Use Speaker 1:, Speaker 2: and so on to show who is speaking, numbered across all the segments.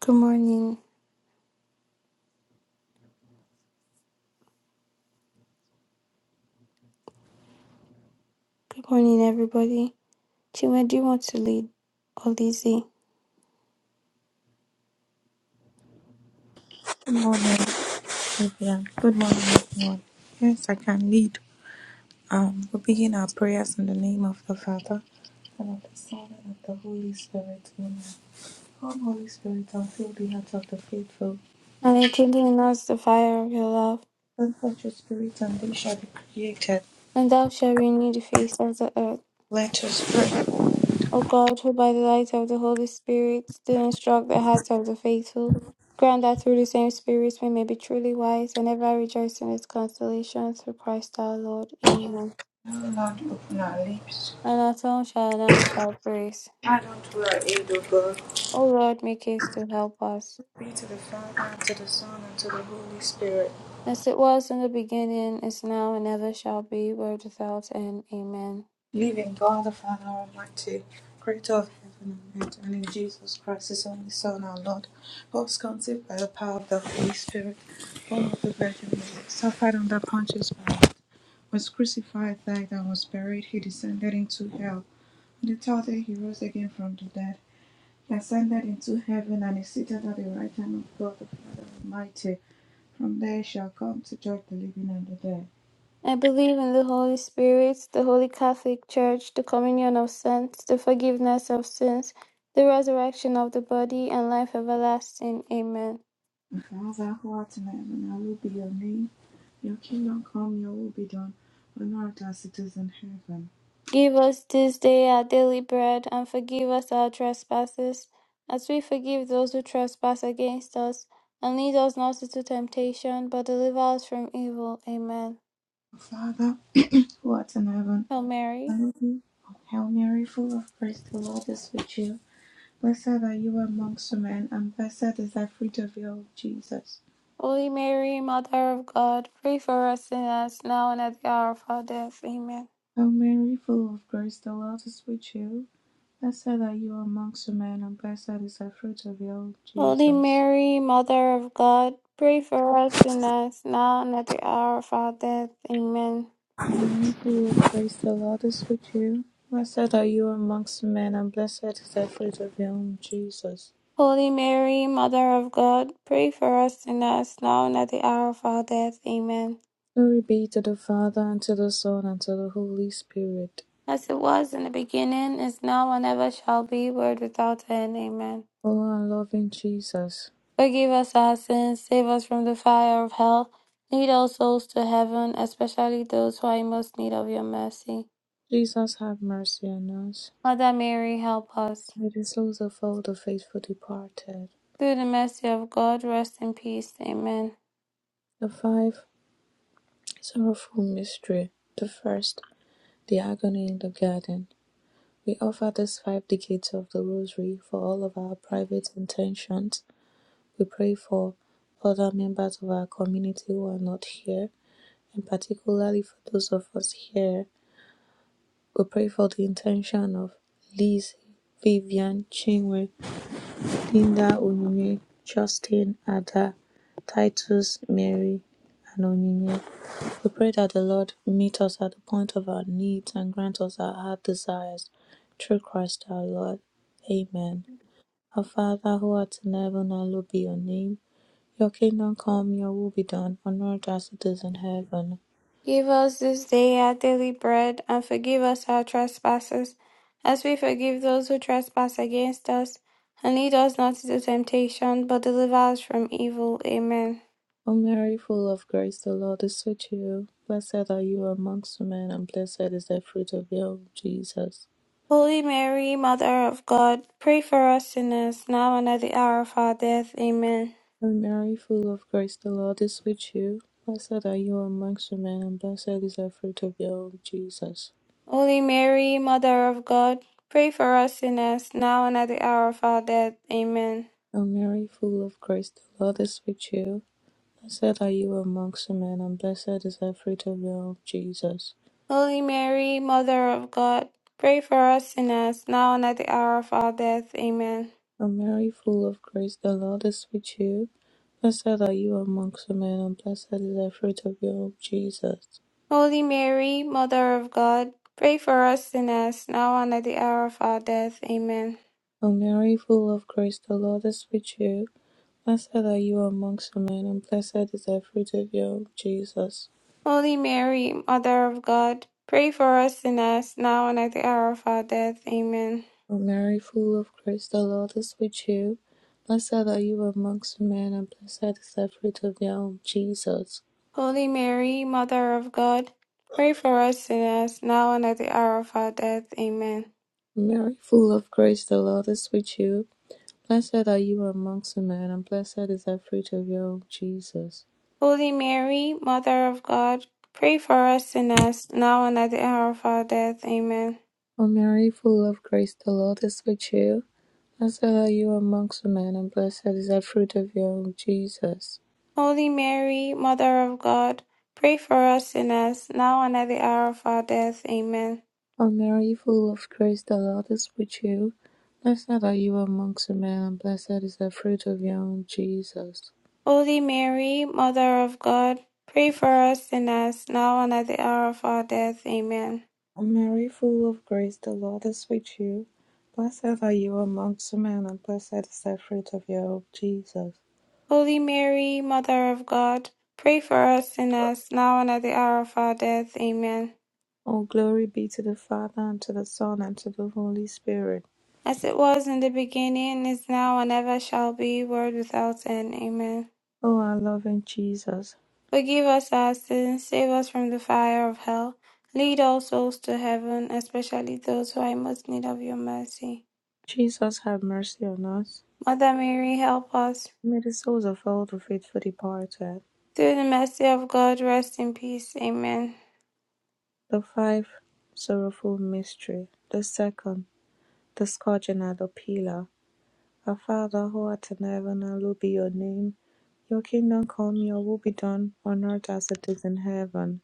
Speaker 1: Good morning. Good morning, everybody. Chima, do you want to lead or Lizzie?
Speaker 2: Good morning, everyone. Good morning, everyone. Yes, I can lead. Um, we begin our prayers in the name of the Father, and of the Son, and of the Holy Spirit. Amen. Come, Holy Spirit, and fill the hearts of the faithful.
Speaker 1: And rekindle in us the fire of your love,
Speaker 2: Send forth your Spirit, and they shall be created.
Speaker 1: and thou shalt renew the face of the earth.
Speaker 2: Let us pray. O
Speaker 1: O God, who by the light of the Holy Spirit do instruct the hearts of the faithful, grant that through the same Spirit we may be truly wise and ever rejoice in His consolation through Christ our Lord. Amen.
Speaker 2: Lord, open our lips.
Speaker 1: And our tongue shall announce thy praise.
Speaker 2: Add unto our aid, O God.
Speaker 1: O Lord, make haste to help us.
Speaker 2: Be to the Father, and to the Son, and to the Holy Spirit.
Speaker 1: As it was in the beginning, is now, and ever shall be, world without end. Amen.
Speaker 2: Believe God the Father Almighty, creator of heaven and earth, and in Jesus Christ, his only Son, our Lord, who was conceived by the power of the Holy Spirit, born of the Virgin Mary, suffered under Pontius Pilate, was crucified, died, and was buried. He descended into hell. On the third day he rose again from the dead. He ascended into heaven and is seated at the right hand of God the Father Almighty. From there he shall come to judge the living and the dead.
Speaker 1: I believe in the Holy Spirit, the Holy Catholic Church, the communion of saints, the forgiveness of sins, the resurrection of the body, and life everlasting. Amen.
Speaker 2: And Father, who art in heaven, hallowed be your name. Your kingdom come, your will be done, on earth as it is in heaven.
Speaker 1: Give us this day our daily bread, and forgive us our trespasses, as we forgive those who trespass against us. And lead us not into temptation, but deliver us from evil. Amen.
Speaker 2: Our Father, who art in heaven,
Speaker 1: Hail Mary.
Speaker 2: hallowed be O Hail Mary, full of grace, the Lord is with you. Blessed are you amongst women, and blessed is the fruit of your womb, Jesus.
Speaker 1: Holy Mary, Mother of God, pray for us sinners now and at the hour of our death. Amen.
Speaker 2: Hail Mary, full of grace, the Lord is with you. Blessed are you amongst women, and blessed is the fruit of your womb,
Speaker 1: Holy
Speaker 2: Jesus.
Speaker 1: Mary, Mother of God, pray for us sinners now and at the hour of our death. Amen.
Speaker 2: I who will praise the Lord is with you. Blessed are you amongst men, and blessed is the fruit of your womb, Jesus.
Speaker 1: Holy Mary, Mother of God, pray for us sinners now and at the hour of our death. Amen.
Speaker 2: Glory be to the Father, and to the Son, and to the Holy Spirit.
Speaker 1: As it was in the beginning, is now, and ever shall be, world without end. Amen.
Speaker 2: O our loving Jesus,
Speaker 1: Forgive us our sins, save us from the fire of hell. Lead all souls to heaven, especially those who are in most need of your mercy.
Speaker 2: Jesus have mercy on us.
Speaker 1: Mother Mary, help us.
Speaker 2: May the souls of all the faithful departed.
Speaker 1: Through the mercy of God, rest in peace. Amen.
Speaker 2: The five sorrowful mystery. The first, the agony in the garden. We offer these five decades of the Rosary for all of our private intentions We pray for other members of our community who are not here, and particularly for those of us here. We pray for the intention of Liz, Vivian, Chinwe, Linda, Onyinye, Justin, Ada, Titus, Mary, and Onyinye. We pray that the Lord meet us at the point of our needs and grant us our heart desires through Christ our Lord. Amen. Our Father who art in heaven, hallowed be your name. Your kingdom come, your will be done, on earth as it is in heaven.
Speaker 1: Give us this day our daily bread, and forgive us our trespasses, as we forgive those who trespass against us. And lead us not into temptation, but deliver us from evil. Amen.
Speaker 2: O Mary, full of grace, the Lord is with you. Blessed are you amongst women, and blessed is the fruit of your womb, Jesus.
Speaker 1: Holy Mary, Mother of God, pray for us sinners, now and at the hour of our death. Amen.
Speaker 2: O Mary, full of grace, the Lord is with you. Blessed are you amongst women, and blessed is the fruit of your womb, Jesus.
Speaker 1: Holy Mary, Mother of God, pray for us sinners, now and at the hour of our death. Amen.
Speaker 2: O Mary, full of grace, the Lord is with you. Blessed are you amongst women, and blessed is the fruit of your womb, Jesus.
Speaker 1: Holy Mary, Mother of God, pray for us sinners, now and at the hour of our death. Amen.
Speaker 2: O Mary, full of grace, the Lord is with you. Blessed are you amongst women, and blessed is the fruit of your womb, Jesus.
Speaker 1: Holy Mary, Mother of God, pray for us sinners, now and at the hour of our death. Amen.
Speaker 2: O Mary, full of grace, the Lord is with you. Blessed are you amongst women, and blessed is the fruit of your womb, Jesus.
Speaker 1: Holy Mary, Mother of God, pray for us sinners, now and at the hour of our death. Amen.
Speaker 2: O Mary, full of grace, the Lord is with you. Blessed are you amongst women, and blessed is the fruit of your womb, Jesus.
Speaker 1: Holy Mary, Mother of God, pray for us sinners, now and at the hour of our death. Amen.
Speaker 2: O Mary, full of grace, the Lord is with you. Blessed are you amongst men, and blessed is the fruit of your womb, Jesus.
Speaker 1: Holy Mary, Mother of God, pray for us sinners, now and at the hour of our death. Amen.
Speaker 2: O Mary, full of grace, the Lord is with you. Blessed are you amongst men, and blessed is the fruit of your womb, Jesus.
Speaker 1: Holy Mary, Mother of God, pray for us sinners, now and at the hour of our death. Amen.
Speaker 2: O Mary, full of grace, the Lord is with you. Blessed are you amongst men, and blessed is the fruit of your womb, Jesus.
Speaker 1: Holy Mary, Mother of God, pray for us sinners, now and at the hour of our death. Amen.
Speaker 2: O Mary, full of grace, the Lord is with you. Blessed are you amongst men, and blessed is the fruit of your womb, Jesus.
Speaker 1: Holy Mary, Mother of God, pray for us sinners, now and at the hour of our death. Amen.
Speaker 2: All glory be to the Father, and to the Son, and to the Holy Spirit.
Speaker 1: As it was in the beginning, is now, and ever shall be, world without end. Amen.
Speaker 2: O our loving Jesus,
Speaker 1: Forgive us our sins, save us from the fire of hell. Lead all souls to heaven, especially those who are in most need of your mercy.
Speaker 2: Jesus, have mercy on us.
Speaker 1: Mother Mary, help us.
Speaker 2: May the souls of all the faithful departed,
Speaker 1: Through the mercy of God, rest in peace. Amen.
Speaker 2: the five sorrowful mystery, the second, the scourging at the pillar. Our Father who art in heaven, hallowed be your name. Your kingdom come, your will be done, on earth as it is in heaven.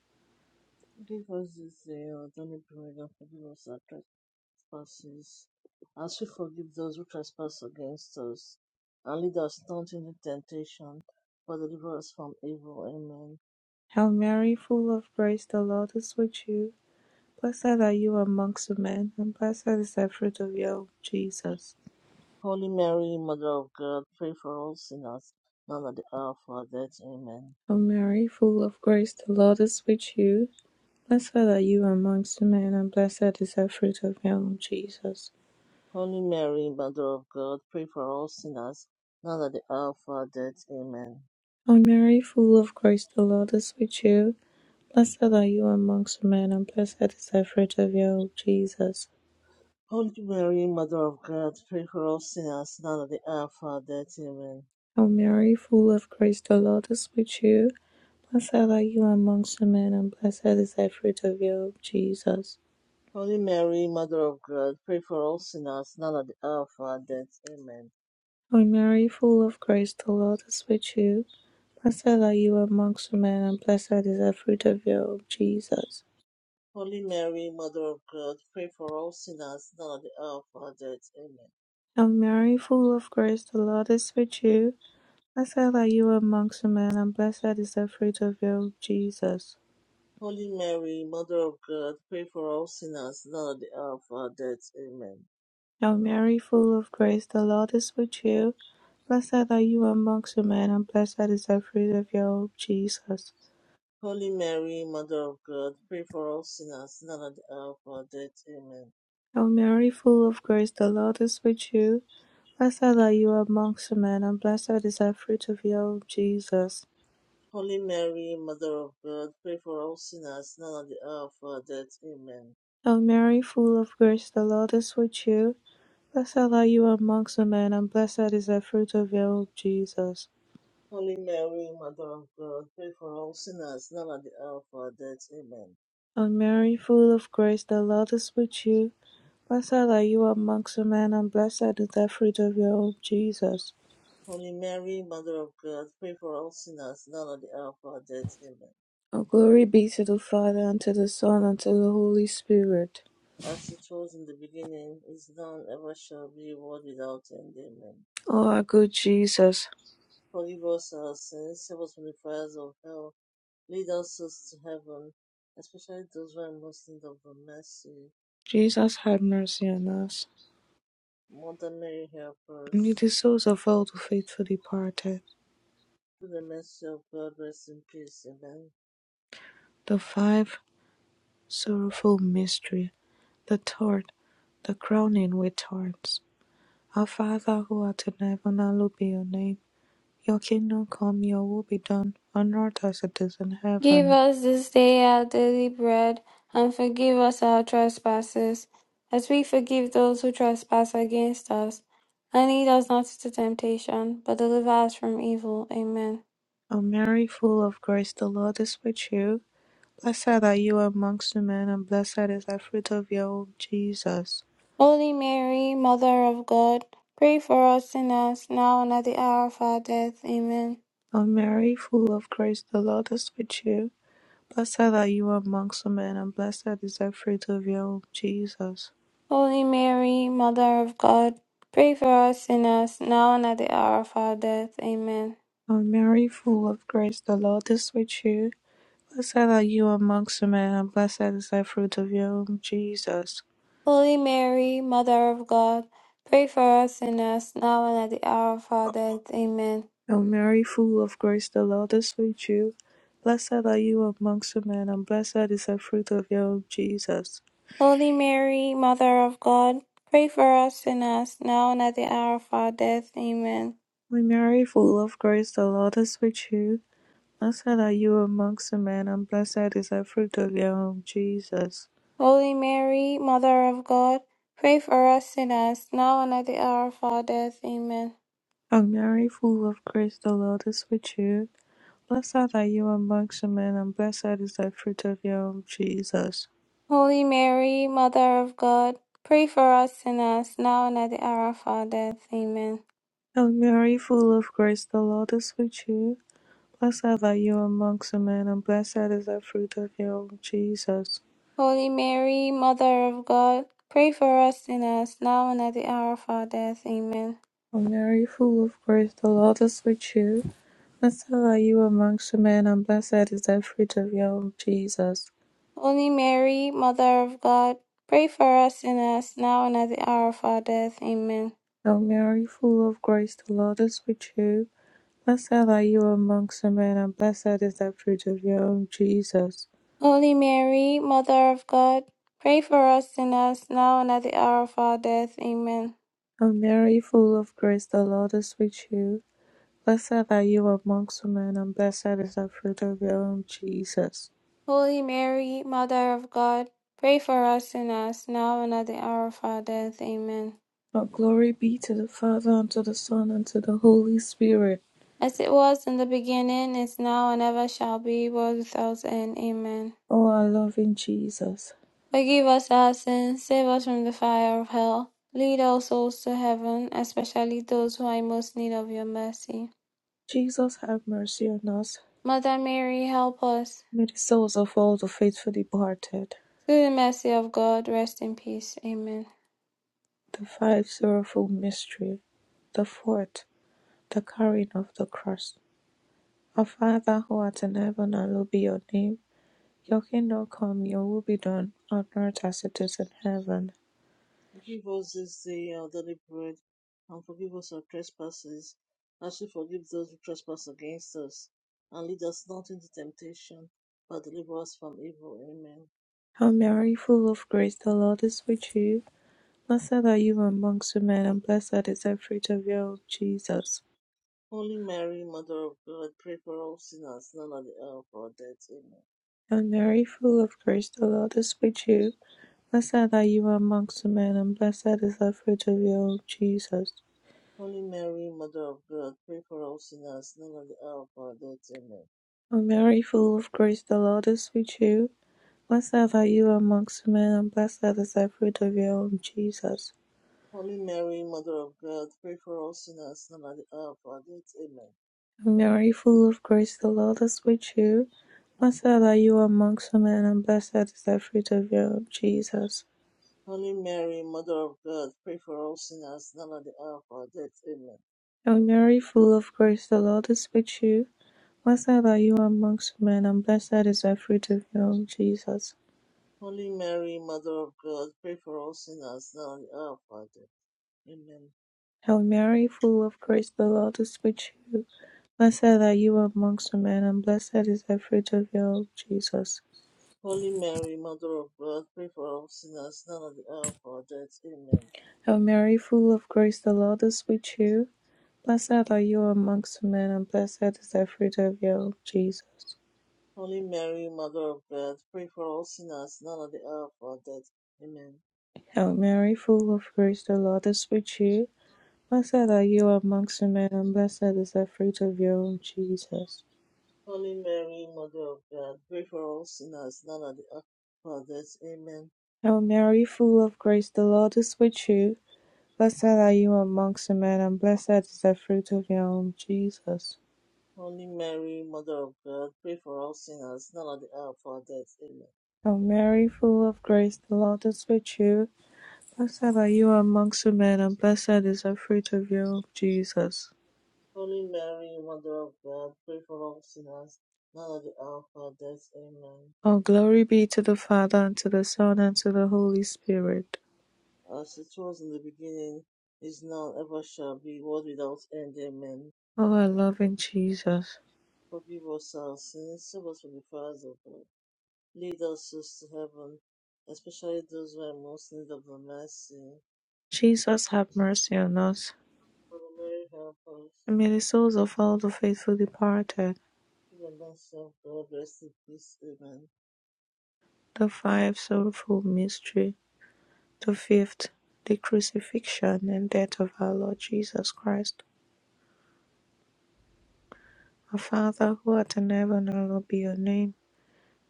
Speaker 3: Give us this day our daily bread and forgive us our trespasses, as we forgive those who trespass against us. And lead us not into temptation, but deliver us from evil. Amen.
Speaker 2: Hail Mary, full of grace, the Lord is with you. Blessed are you amongst men, and blessed is the fruit of your womb, Jesus.
Speaker 3: Holy Mary, Mother of God, pray for us sinners, now and at the hour of our death. Amen.
Speaker 2: O Mary, full of grace, the Lord is with you. Blessed are you amongst men, and blessed is the fruit of your womb, Jesus.
Speaker 3: Holy Mary, Mother of God, pray for us sinners, now and at the hour of our death. Amen.
Speaker 2: O Mary, full of grace, the Lord is with you. Blessed are you amongst men, and blessed is the fruit of your womb, Jesus.
Speaker 3: Holy Mary, Mother of God, pray for us sinners, now and at the hour of our death. Amen.
Speaker 2: O Mary, full of grace, the Lord is with you. Blessed are you amongst men, and blessed is the fruit of your womb, Jesus.
Speaker 3: Holy Mary, Mother of God, pray for all sinners, now at the hour of our death. Amen.
Speaker 2: O Mary, full of grace, the Lord is with you. Blessed are you amongst women, and blessed is the fruit of your womb, Jesus.
Speaker 3: Holy Mary, Mother of God, pray for all sinners, now at the hour of our death. Amen.
Speaker 2: O Mary, full of grace, the Lord is with you. Blessed are you amongst women, and blessed is the fruit of your womb, Jesus.
Speaker 3: Holy Mary, Mother of God, pray for all sinners, now at the hour of our death. Amen.
Speaker 2: O Mary, full of grace, the Lord is with you. Blessed are you amongst women, and blessed is the fruit of your womb, Jesus.
Speaker 3: Holy Mary, Mother of God, pray for all sinners, now at the hour of our death. Amen.
Speaker 2: O Mary, full of grace, the Lord is with you. Blessed are you amongst men, and blessed is the fruit of your womb, Jesus.
Speaker 3: Holy Mary, Mother of God, pray for all sinners, now at the hour of our death. Amen.
Speaker 2: O Mary, full of grace, the Lord is with you. Blessed are you amongst women, and blessed is the fruit of your womb, Jesus.
Speaker 3: Holy Mary, Mother of God, pray for all sinners, now at the hour of our death. Amen.
Speaker 2: O Mary, full of grace, the Lord is with you. Blessed are you amongst women, and blessed is the fruit of your womb, Jesus.
Speaker 3: Holy Mary, Mother of God, pray for all sinners, now at the hour of our death. Amen.
Speaker 2: All glory be to the Father, and to the Son, and to the Holy Spirit.
Speaker 3: As it was in the beginning, is now, and ever shall be, world without end. Amen.
Speaker 2: O our good Jesus,
Speaker 3: Forgive us our sins, save us from the fires of hell, lead us souls to heaven, especially those who are most in need of the mercy.
Speaker 2: Jesus have mercy on us.
Speaker 3: Mother Mary, help us.
Speaker 2: It is also about the faithful departed,
Speaker 3: Through the mercy of God, rest in peace. Amen.
Speaker 2: the five sorrowful mystery. the third, the crowning with thorns. Our Father who art in heaven, hallowed be your name. Your kingdom come, your will be done, on earth as it is in
Speaker 1: Give
Speaker 2: heaven.
Speaker 1: us this day our daily bread, and forgive us our trespasses, as we forgive those who trespass against us. And lead us not into temptation, but deliver us from evil. Amen.
Speaker 2: O Mary, full of grace, the Lord is with you. Blessed are you amongst women, and blessed is the fruit of your womb, Jesus.
Speaker 1: Holy Mary, Mother of God, pray for us sinners, now and at the hour of our death. Amen.
Speaker 2: O Mary, full of grace, the Lord is with you. Blessed are you amongst women, and blessed is the fruit of your womb, Jesus.
Speaker 1: Holy Mary, Mother of God, pray for us sinners, now and at the hour of our death. Amen.
Speaker 2: O Mary, full of grace, the Lord is with you. Blessed are you amongst women, and blessed is the fruit of your womb, Jesus.
Speaker 1: Holy Mary, Mother of God, pray for us sinners, now and at the hour of our death. Amen.
Speaker 2: O Mary, full of grace, the Lord is with you. Blessed are you amongst women, and blessed is the fruit of your womb, Jesus.
Speaker 1: Holy Mary, Mother of God, pray for us sinners, now and at the hour of our death. Amen.
Speaker 2: O Mary, full of grace, the Lord is with you. Blessed are you amongst women, and blessed is the fruit of your womb, Jesus.
Speaker 1: Holy Mary, Mother of God, pray for us sinners, now and at the hour of our death. Amen.
Speaker 2: O Mary, full of grace, the Lord is with you. Blessed are you amongst women, and blessed is the fruit of your womb, Jesus.
Speaker 1: Holy Mary, Mother of God, pray for us sinners, now and at the hour of our death. Amen.
Speaker 2: O Mary, full of grace, the Lord is with you. Blessed are you amongst women, and blessed is the fruit of your womb, Jesus.
Speaker 1: Holy Mary, Mother of God, pray for us sinners, now and at the hour of our death. Amen.
Speaker 2: O Mary, full of grace, the Lord is with you. Blessed are you amongst women, and blessed is the fruit of your womb, Jesus.
Speaker 1: Holy Mary, Mother of God, pray for us sinners, now and at the hour of our death. Amen.
Speaker 2: O Mary, full of grace, the Lord is with you. Blessed are you amongst men, and blessed is the fruit of your womb, Jesus.
Speaker 1: Holy Mary, Mother of God, pray for us sinners, now and at the hour of our death. Amen.
Speaker 2: O Mary, full of grace, the Lord is with you. Blessed are you amongst women, and blessed is the fruit of your womb, Jesus.
Speaker 1: Holy Mary, Mother of God, pray for us sinners, now and at the hour of our death. Amen.
Speaker 2: But glory be to the Father, and to the Son, and to the Holy Spirit.
Speaker 1: As it was in the beginning, is now, and ever shall be, world without end. Amen.
Speaker 2: O our loving Jesus.
Speaker 1: Forgive us our sins, save us from the fire of hell. Lead all souls to heaven, especially those who are in most need of your mercy.
Speaker 2: Jesus, have mercy on us.
Speaker 1: Mother Mary, help us.
Speaker 2: May the souls of all the faithful departed,
Speaker 1: Through the mercy of God, rest in peace. Amen.
Speaker 2: the fifth sorrowful mystery, the fourth, the carrying of the cross. Our Father who art in heaven, hallowed be your name. Your kingdom come, your will be done, on earth as it is in heaven.
Speaker 3: Give us this day our daily bread, and forgive us our trespasses, as we forgive those who trespass against us. And lead us not into temptation, but deliver us from evil. Amen.
Speaker 2: Hail Mary, full of grace, the Lord is with you. Blessed are you amongst women, and blessed is the fruit of your womb, Jesus.
Speaker 3: Holy Mary, Mother of God, pray for all sinners, now and at the hour of our death. Amen.
Speaker 2: Hail Mary, full of grace, the Lord is with you. Blessed are you amongst women, and blessed is the fruit of your womb, Jesus.
Speaker 3: Holy Mary, Mother of God, pray for all sinners, now and at the hour of our death. Amen.
Speaker 2: Hail Mary, full of grace, the Lord is with you. Blessed are you amongst women, and blessed is the fruit of your womb, Jesus.
Speaker 3: Holy Mary, Mother of God, pray for all sinners, now and at the hour of our death. Amen.
Speaker 2: Mary, full of grace, the Lord is with you. Blessed are you amongst women, and blessed is the fruit of your womb, Jesus.
Speaker 3: Holy Mary, Mother of God, pray for all sinners, now at the hour of our death. Amen.
Speaker 2: O Mary, full of grace, the Lord is with you. Blessed are you amongst women, and blessed is the fruit of your womb, Jesus.
Speaker 3: Holy Mary, Mother of God, pray for all sinners, now at the hour of our death. Amen.
Speaker 2: Hail Mary, full of grace, the Lord is with you. Blessed are you amongst women, and blessed is the fruit of your womb, Jesus.
Speaker 3: Holy Mary, Mother of God, pray for all sinners, now at the hour of our death. Amen.
Speaker 2: Hail Mary, full of grace, the Lord is with you. Blessed are you amongst women, and blessed is the fruit of your womb, Jesus.
Speaker 3: Holy Mary, Mother of God, pray for all sinners, now at the hour of our death. Amen.
Speaker 2: Hail Mary, full of grace, the Lord is with you. Blessed are you amongst women, and blessed is the fruit of your womb, Jesus.
Speaker 3: Holy Mary, Mother of God, pray for all sinners, now at the hour of our death. Amen.
Speaker 2: Hail Mary, full of grace, the Lord is with you. Blessed are you amongst women, and blessed is the fruit of your womb, Jesus.
Speaker 3: Holy Mary, Mother of God, pray for us sinners, now at the hour of our death. Amen.
Speaker 2: Hail Mary, full of grace, the Lord is with you. Blessed are you amongst women, and blessed is the fruit of your womb, Jesus.
Speaker 3: Holy Mary, Mother of God, pray for us sinners, now at the hour of our death. Amen.
Speaker 2: All glory be to the Father, and to the Son, and to the Holy Spirit.
Speaker 3: As it was in the beginning, is now, and ever shall be, world without end. Amen.
Speaker 2: O our loving Jesus.
Speaker 3: Forgive us our sins, save us from the fires of God. Lead us souls to heaven, especially those who are most in need of the mercy.
Speaker 2: Jesus have mercy on us,
Speaker 3: Holy Mary, help us.
Speaker 2: and may the souls of all the faithful departed,
Speaker 3: Give us, thyself, God, rest in peace. Amen.
Speaker 2: the five sorrowful mystery, the fifth, the crucifixion and death of our Lord Jesus Christ. Our Father who art in heaven, hallowed be your name.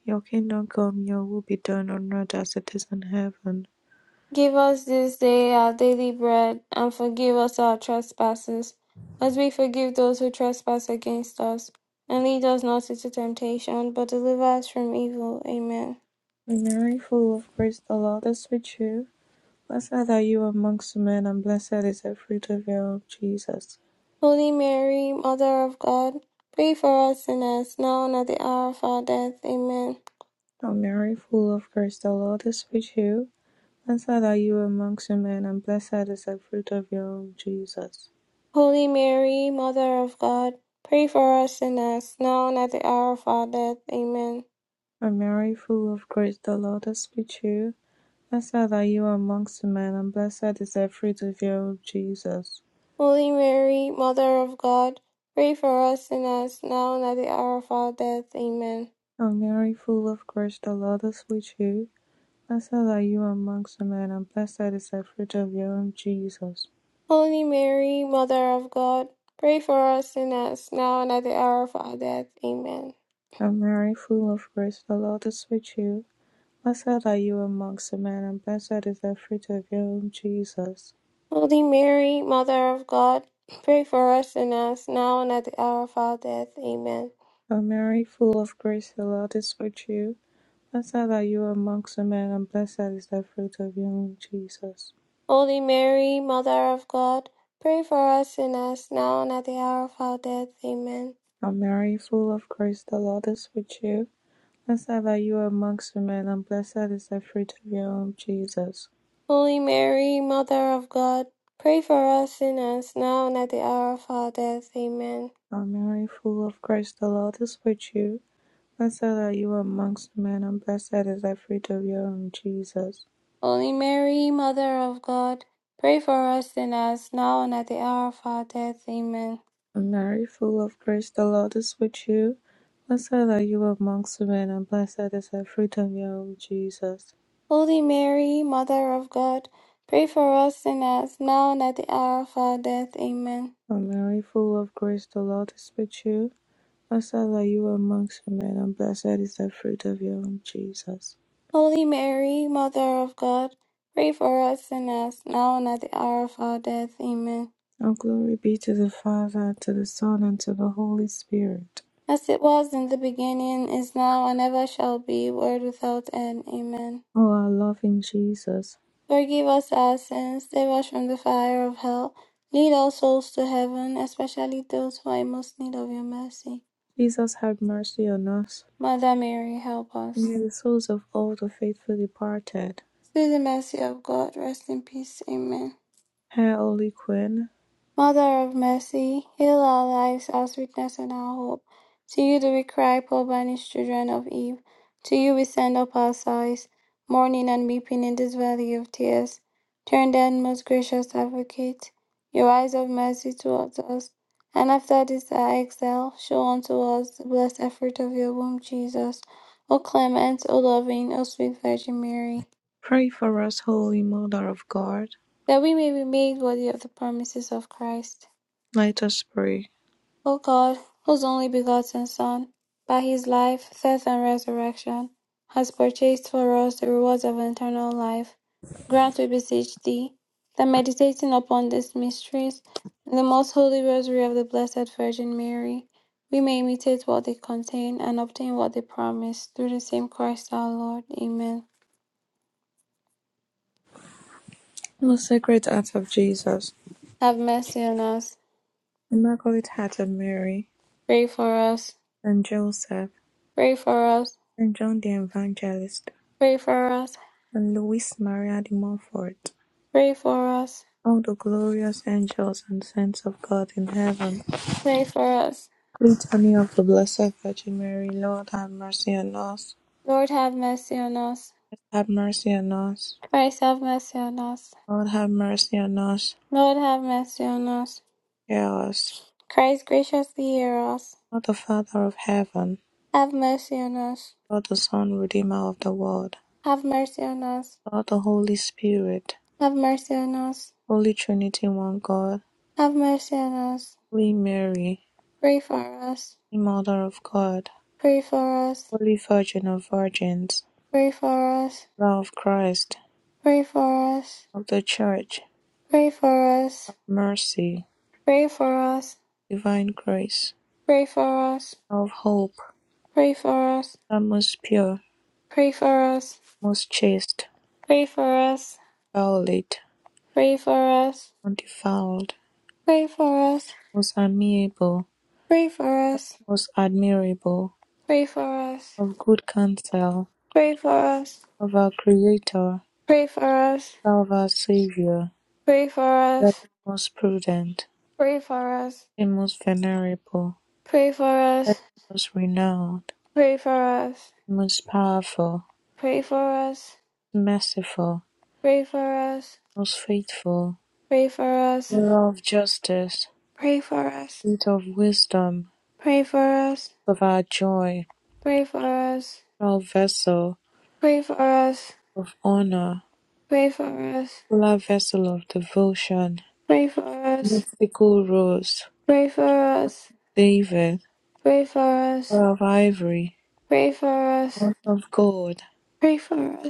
Speaker 2: Your kingdom come, your will be done on earth as it is in heaven.
Speaker 1: Give us this day our daily bread, and forgive us our trespasses, as we forgive those who trespass against us. And lead us not into temptation, but deliver us from evil. Amen.
Speaker 2: Mary, full of grace, the Lord is with you. Blessed are you amongst men, and blessed is the fruit of your womb, Jesus.
Speaker 1: Holy Mary, Mother of God, pray for us sinners, now and at the hour of our death. Amen.
Speaker 2: O Mary, full of grace, the Lord is with you. Blessed are you amongst men, and blessed is the fruit of your womb, Jesus.
Speaker 1: Holy Mary, Mother of God, pray for us sinners, now and at the hour of our death. Amen.
Speaker 2: O Mary, full of grace, the Lord is with you. Blessed are you amongst men, and blessed is the fruit of your womb, Jesus.
Speaker 1: Holy Mary, Mother of God, pray for us sinners, now and at the hour of our death. Amen.
Speaker 2: O Mary, full of grace, the Lord is with you. Blessed are you amongst men, and blessed is the fruit of your womb, Jesus.
Speaker 1: Holy Mary, Mother of God, pray for us sinners, now and at the hour of our death. Amen.
Speaker 2: O Mary, full of grace, the Lord is with you. Blessed are you amongst men, and blessed is the fruit of your womb, Jesus.
Speaker 1: Holy Mary, Mother of God, pray for us sinners, now and at the hour of our death. Amen.
Speaker 2: O Mary, full of grace, the Lord is with you. Blessed are you amongst women, and blessed is the fruit of your womb, Jesus.
Speaker 1: Holy Mary, Mother of God, pray for us sinners, now and at the hour of our death. Amen.
Speaker 2: O Mary, full of grace, the Lord is with you. Blessed are you amongst women, and blessed is the fruit of your womb, Jesus.
Speaker 1: Holy Mary, Mother of God, pray for us sinners, now and at the hour of our death. Amen.
Speaker 2: O Mary, full of grace, the Lord is with you. Blessed are you amongst women, and blessed is the fruit of your womb, Jesus.
Speaker 1: Holy Mary, Mother of God, pray for us sinners, now and at the hour of our death. Amen.
Speaker 2: O Mary, full of grace, the Lord is with you. Blessed are you amongst women, and blessed is the fruit of your womb, Jesus.
Speaker 1: Holy Mary, Mother of God, pray for us sinners, now and at the hour of our death. Amen.
Speaker 2: O Mary, full of grace, the Lord is with you. Blessed are you amongst men, and blessed is the fruit of your womb, Jesus.
Speaker 1: Holy Mary, Mother of God, pray for us sinners, now and at the hour of our death. Amen.
Speaker 2: And glory be to the Father, to the Son, and to the Holy Spirit.
Speaker 1: As it was in the beginning, is now, and ever shall be, world without end. Amen.
Speaker 2: O our loving Jesus,
Speaker 1: Forgive us our sins, save us from the fire of hell, lead all souls to heaven, especially those who are in most need of your mercy.
Speaker 2: Jesus, have mercy on us.
Speaker 1: Mother Mary, help us.
Speaker 2: May the souls of all the faithful departed,
Speaker 1: Through the mercy of God, rest in peace. Amen.
Speaker 2: Hail, Holy Queen,
Speaker 1: Mother of mercy, heal our lives, our sweetness, and our hope. To you do we cry, poor banished children of Eve. To you we send up our sighs, mourning and weeping in this valley of tears. Turn then, most gracious advocate, your eyes of mercy towards us. And after this our exile, show unto us the blessed effort of your womb, Jesus. O clement, O loving, O sweet Virgin Mary.
Speaker 2: pray for us, Holy Mother of God.
Speaker 1: that we may be made worthy of the promises of Christ.
Speaker 2: Let us pray.
Speaker 1: O God, whose only begotten Son, by his life, death, and resurrection, has purchased for us the rewards of eternal life, grant, we beseech thee, that meditating upon these mysteries, in the most holy rosary of the Blessed Virgin Mary, we may imitate what they contain and obtain what they promise, through the same Christ our Lord. Amen.
Speaker 2: Most Sacred Heart of Jesus,
Speaker 1: Have mercy on us.
Speaker 2: Immaculate Heart of Mary,
Speaker 1: Pray for us.
Speaker 2: Saint Joseph,
Speaker 1: Pray for us.
Speaker 2: Saint John the Evangelist,
Speaker 1: Pray for us.
Speaker 2: And Luis Maria de Montfort,
Speaker 1: Pray for us.
Speaker 2: all the glorious angels and saints of God in heaven,
Speaker 1: Pray for us.
Speaker 2: Litany of the Blessed Virgin Mary, Lord have mercy on us,
Speaker 1: Lord have mercy on us.
Speaker 2: Lord, have mercy on us,
Speaker 1: Christ have mercy on us.
Speaker 2: Lord have mercy on us,
Speaker 1: Lord have mercy on us.
Speaker 2: hear us.
Speaker 1: Christ graciously hear us.
Speaker 2: God the Father of heaven,
Speaker 1: Have mercy on us.
Speaker 2: God the Son, Redeemer of the world,
Speaker 1: Have mercy on us.
Speaker 2: God the Holy Spirit,
Speaker 1: Have mercy on us.
Speaker 2: Holy Trinity, one God,
Speaker 1: Have mercy on us.
Speaker 2: Holy Mary,
Speaker 1: Pray for us.
Speaker 2: Mother of God,
Speaker 1: Pray for us.
Speaker 2: Holy Virgin of Virgins,
Speaker 1: Pray for us.
Speaker 2: Mother of Christ,
Speaker 1: Pray for us.
Speaker 2: of the Church,
Speaker 1: Pray for us.
Speaker 2: Have mercy,
Speaker 1: Pray for us.
Speaker 2: divine grace,
Speaker 1: Pray for us.
Speaker 2: thou of hope,
Speaker 1: Pray for us.
Speaker 2: thou most pure,
Speaker 1: Pray for us.
Speaker 2: most chaste,
Speaker 1: Pray for us.
Speaker 2: violet,
Speaker 1: Pray for us.
Speaker 2: undefiled,
Speaker 1: Pray for us,
Speaker 2: most amiable,
Speaker 1: pray for us,
Speaker 2: most admirable,
Speaker 1: pray for us,
Speaker 2: of good counsel,
Speaker 1: pray for us,
Speaker 2: of our Creator,
Speaker 1: pray for us,
Speaker 2: thou of our Saviour,
Speaker 1: pray for
Speaker 2: thou
Speaker 1: us,
Speaker 2: most prudent,
Speaker 1: pray for us,
Speaker 2: the most venerable,
Speaker 1: pray for
Speaker 2: thou
Speaker 1: us,
Speaker 2: most renowned,
Speaker 1: pray for us,
Speaker 2: the most powerful,
Speaker 1: pray for us,
Speaker 2: merciful,
Speaker 1: pray for us,
Speaker 2: most faithful,
Speaker 1: pray for us,
Speaker 2: mirror of justice,
Speaker 1: pray for us, pray for us,
Speaker 2: seat of wisdom,
Speaker 1: pray for us,
Speaker 2: of our joy,
Speaker 1: pray for us, pray for us,
Speaker 2: Sacral vessel
Speaker 1: pray for us,
Speaker 2: of honor,
Speaker 1: pray for us,
Speaker 2: Popular vessel of devotion,
Speaker 1: pray for us,
Speaker 2: Mystical rose,
Speaker 1: pray for us,
Speaker 2: David,
Speaker 1: pray for us,
Speaker 2: Pearl of ivory,
Speaker 1: pray
Speaker 2: Cross of gold,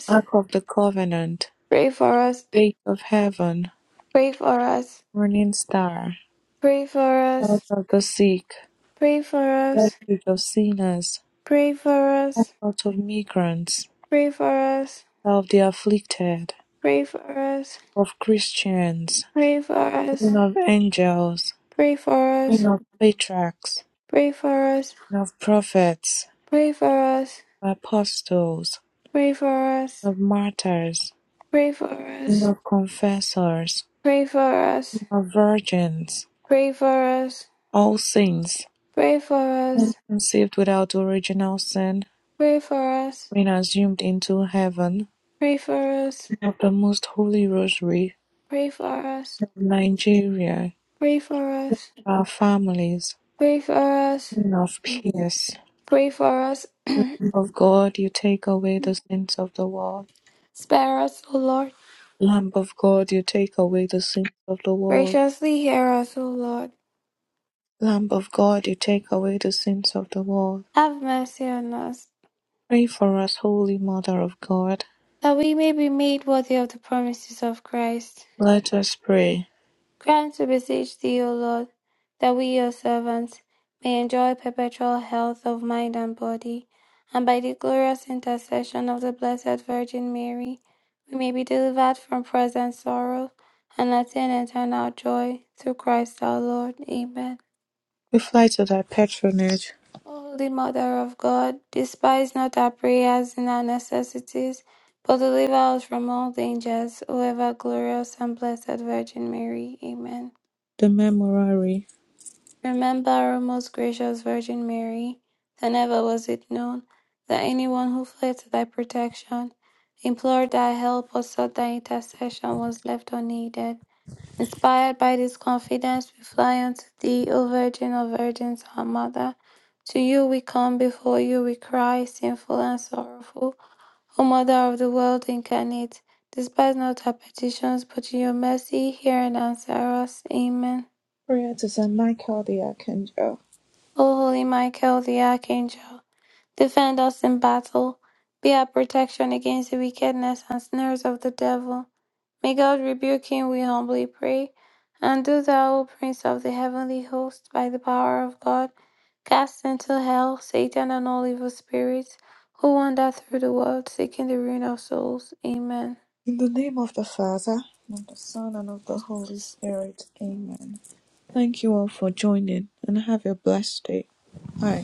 Speaker 2: Ark of the covenant,
Speaker 1: for us,
Speaker 2: Gate of heaven,
Speaker 1: pray for us.
Speaker 2: Morning star,
Speaker 1: Pray for
Speaker 2: Church
Speaker 1: us,
Speaker 2: of the sick,
Speaker 1: pray for us,
Speaker 2: Refuge of sinners,
Speaker 1: pray for us,
Speaker 2: Comfort of migrants,
Speaker 1: pray for us,
Speaker 2: Star of the afflicted,
Speaker 1: pray for us,
Speaker 2: of Christians,
Speaker 1: pray for
Speaker 2: Queen
Speaker 1: us,
Speaker 2: of angels,
Speaker 1: pray for
Speaker 2: Queen
Speaker 1: us,
Speaker 2: of patriarchs,
Speaker 1: pray for us,
Speaker 2: Queen of prophets,
Speaker 1: pray for us,
Speaker 2: Apostles.
Speaker 1: pray for us,
Speaker 2: No martyrs,
Speaker 1: pray for us,
Speaker 2: no confessors,
Speaker 1: pray for us, pray for us,
Speaker 2: no virgins.
Speaker 1: pray for us,
Speaker 2: All sins,
Speaker 1: pray for us, pray for us,
Speaker 2: when conceived without original sin,
Speaker 1: pray for us,
Speaker 2: when assumed into heaven,
Speaker 1: pray for us,
Speaker 2: of the Most Holy Rosary,
Speaker 1: pray for us,
Speaker 2: of Nigeria,
Speaker 1: pray for
Speaker 2: of our families, and of peace.
Speaker 1: us,
Speaker 2: Lamb of God, you take away the sins of the world.
Speaker 1: spare us, O Lord.
Speaker 2: Lamb of God, you take away the sins of the world.
Speaker 1: Graciously hear us, O Lord.
Speaker 2: Lamb of God, you take away the sins of the world.
Speaker 1: Have mercy on us,
Speaker 2: Pray for us, Holy Mother of God.
Speaker 1: that we may be made worthy of the promises of Christ.
Speaker 2: Let us pray.
Speaker 1: Grant, we beseech thee, O Lord, that we, your servants, may enjoy perpetual health of mind and body, and by the glorious intercession of the Blessed Virgin Mary, we may be delivered from present sorrow and attain eternal joy through Christ our Lord. Amen.
Speaker 2: We fly to thy patronage,
Speaker 1: Holy Mother of God, despise not our prayers in our necessities, but deliver us from all dangers, O ever glorious and blessed Virgin Mary. Amen.
Speaker 2: the memorare.
Speaker 1: Remember, O most gracious Virgin Mary, that never was it known that anyone who fled to thy protection, implored thy help, or sought thy intercession was left unaided. Inspired by this confidence, we fly unto thee, O Virgin of Virgins, our Mother. To you we come, before you we cry, sinful and sorrowful. O Mother of the world incarnate, despise not our petitions, but in your mercy hear and answer us. Amen.
Speaker 2: Prayer to Saint Michael the Archangel.
Speaker 1: O Holy Michael the Archangel, defend us in battle. Be our protection against the wickedness and snares of the devil. May God rebuke him, we humbly pray. And do thou, O Prince of the heavenly host, by the power of God, cast into hell Satan and all evil spirits who wander through the world seeking the ruin of souls. Amen.
Speaker 2: In the name of the Father, and of the Son, and of the Holy Spirit. Amen. Thank you all for joining, and have a blessed day. Bye.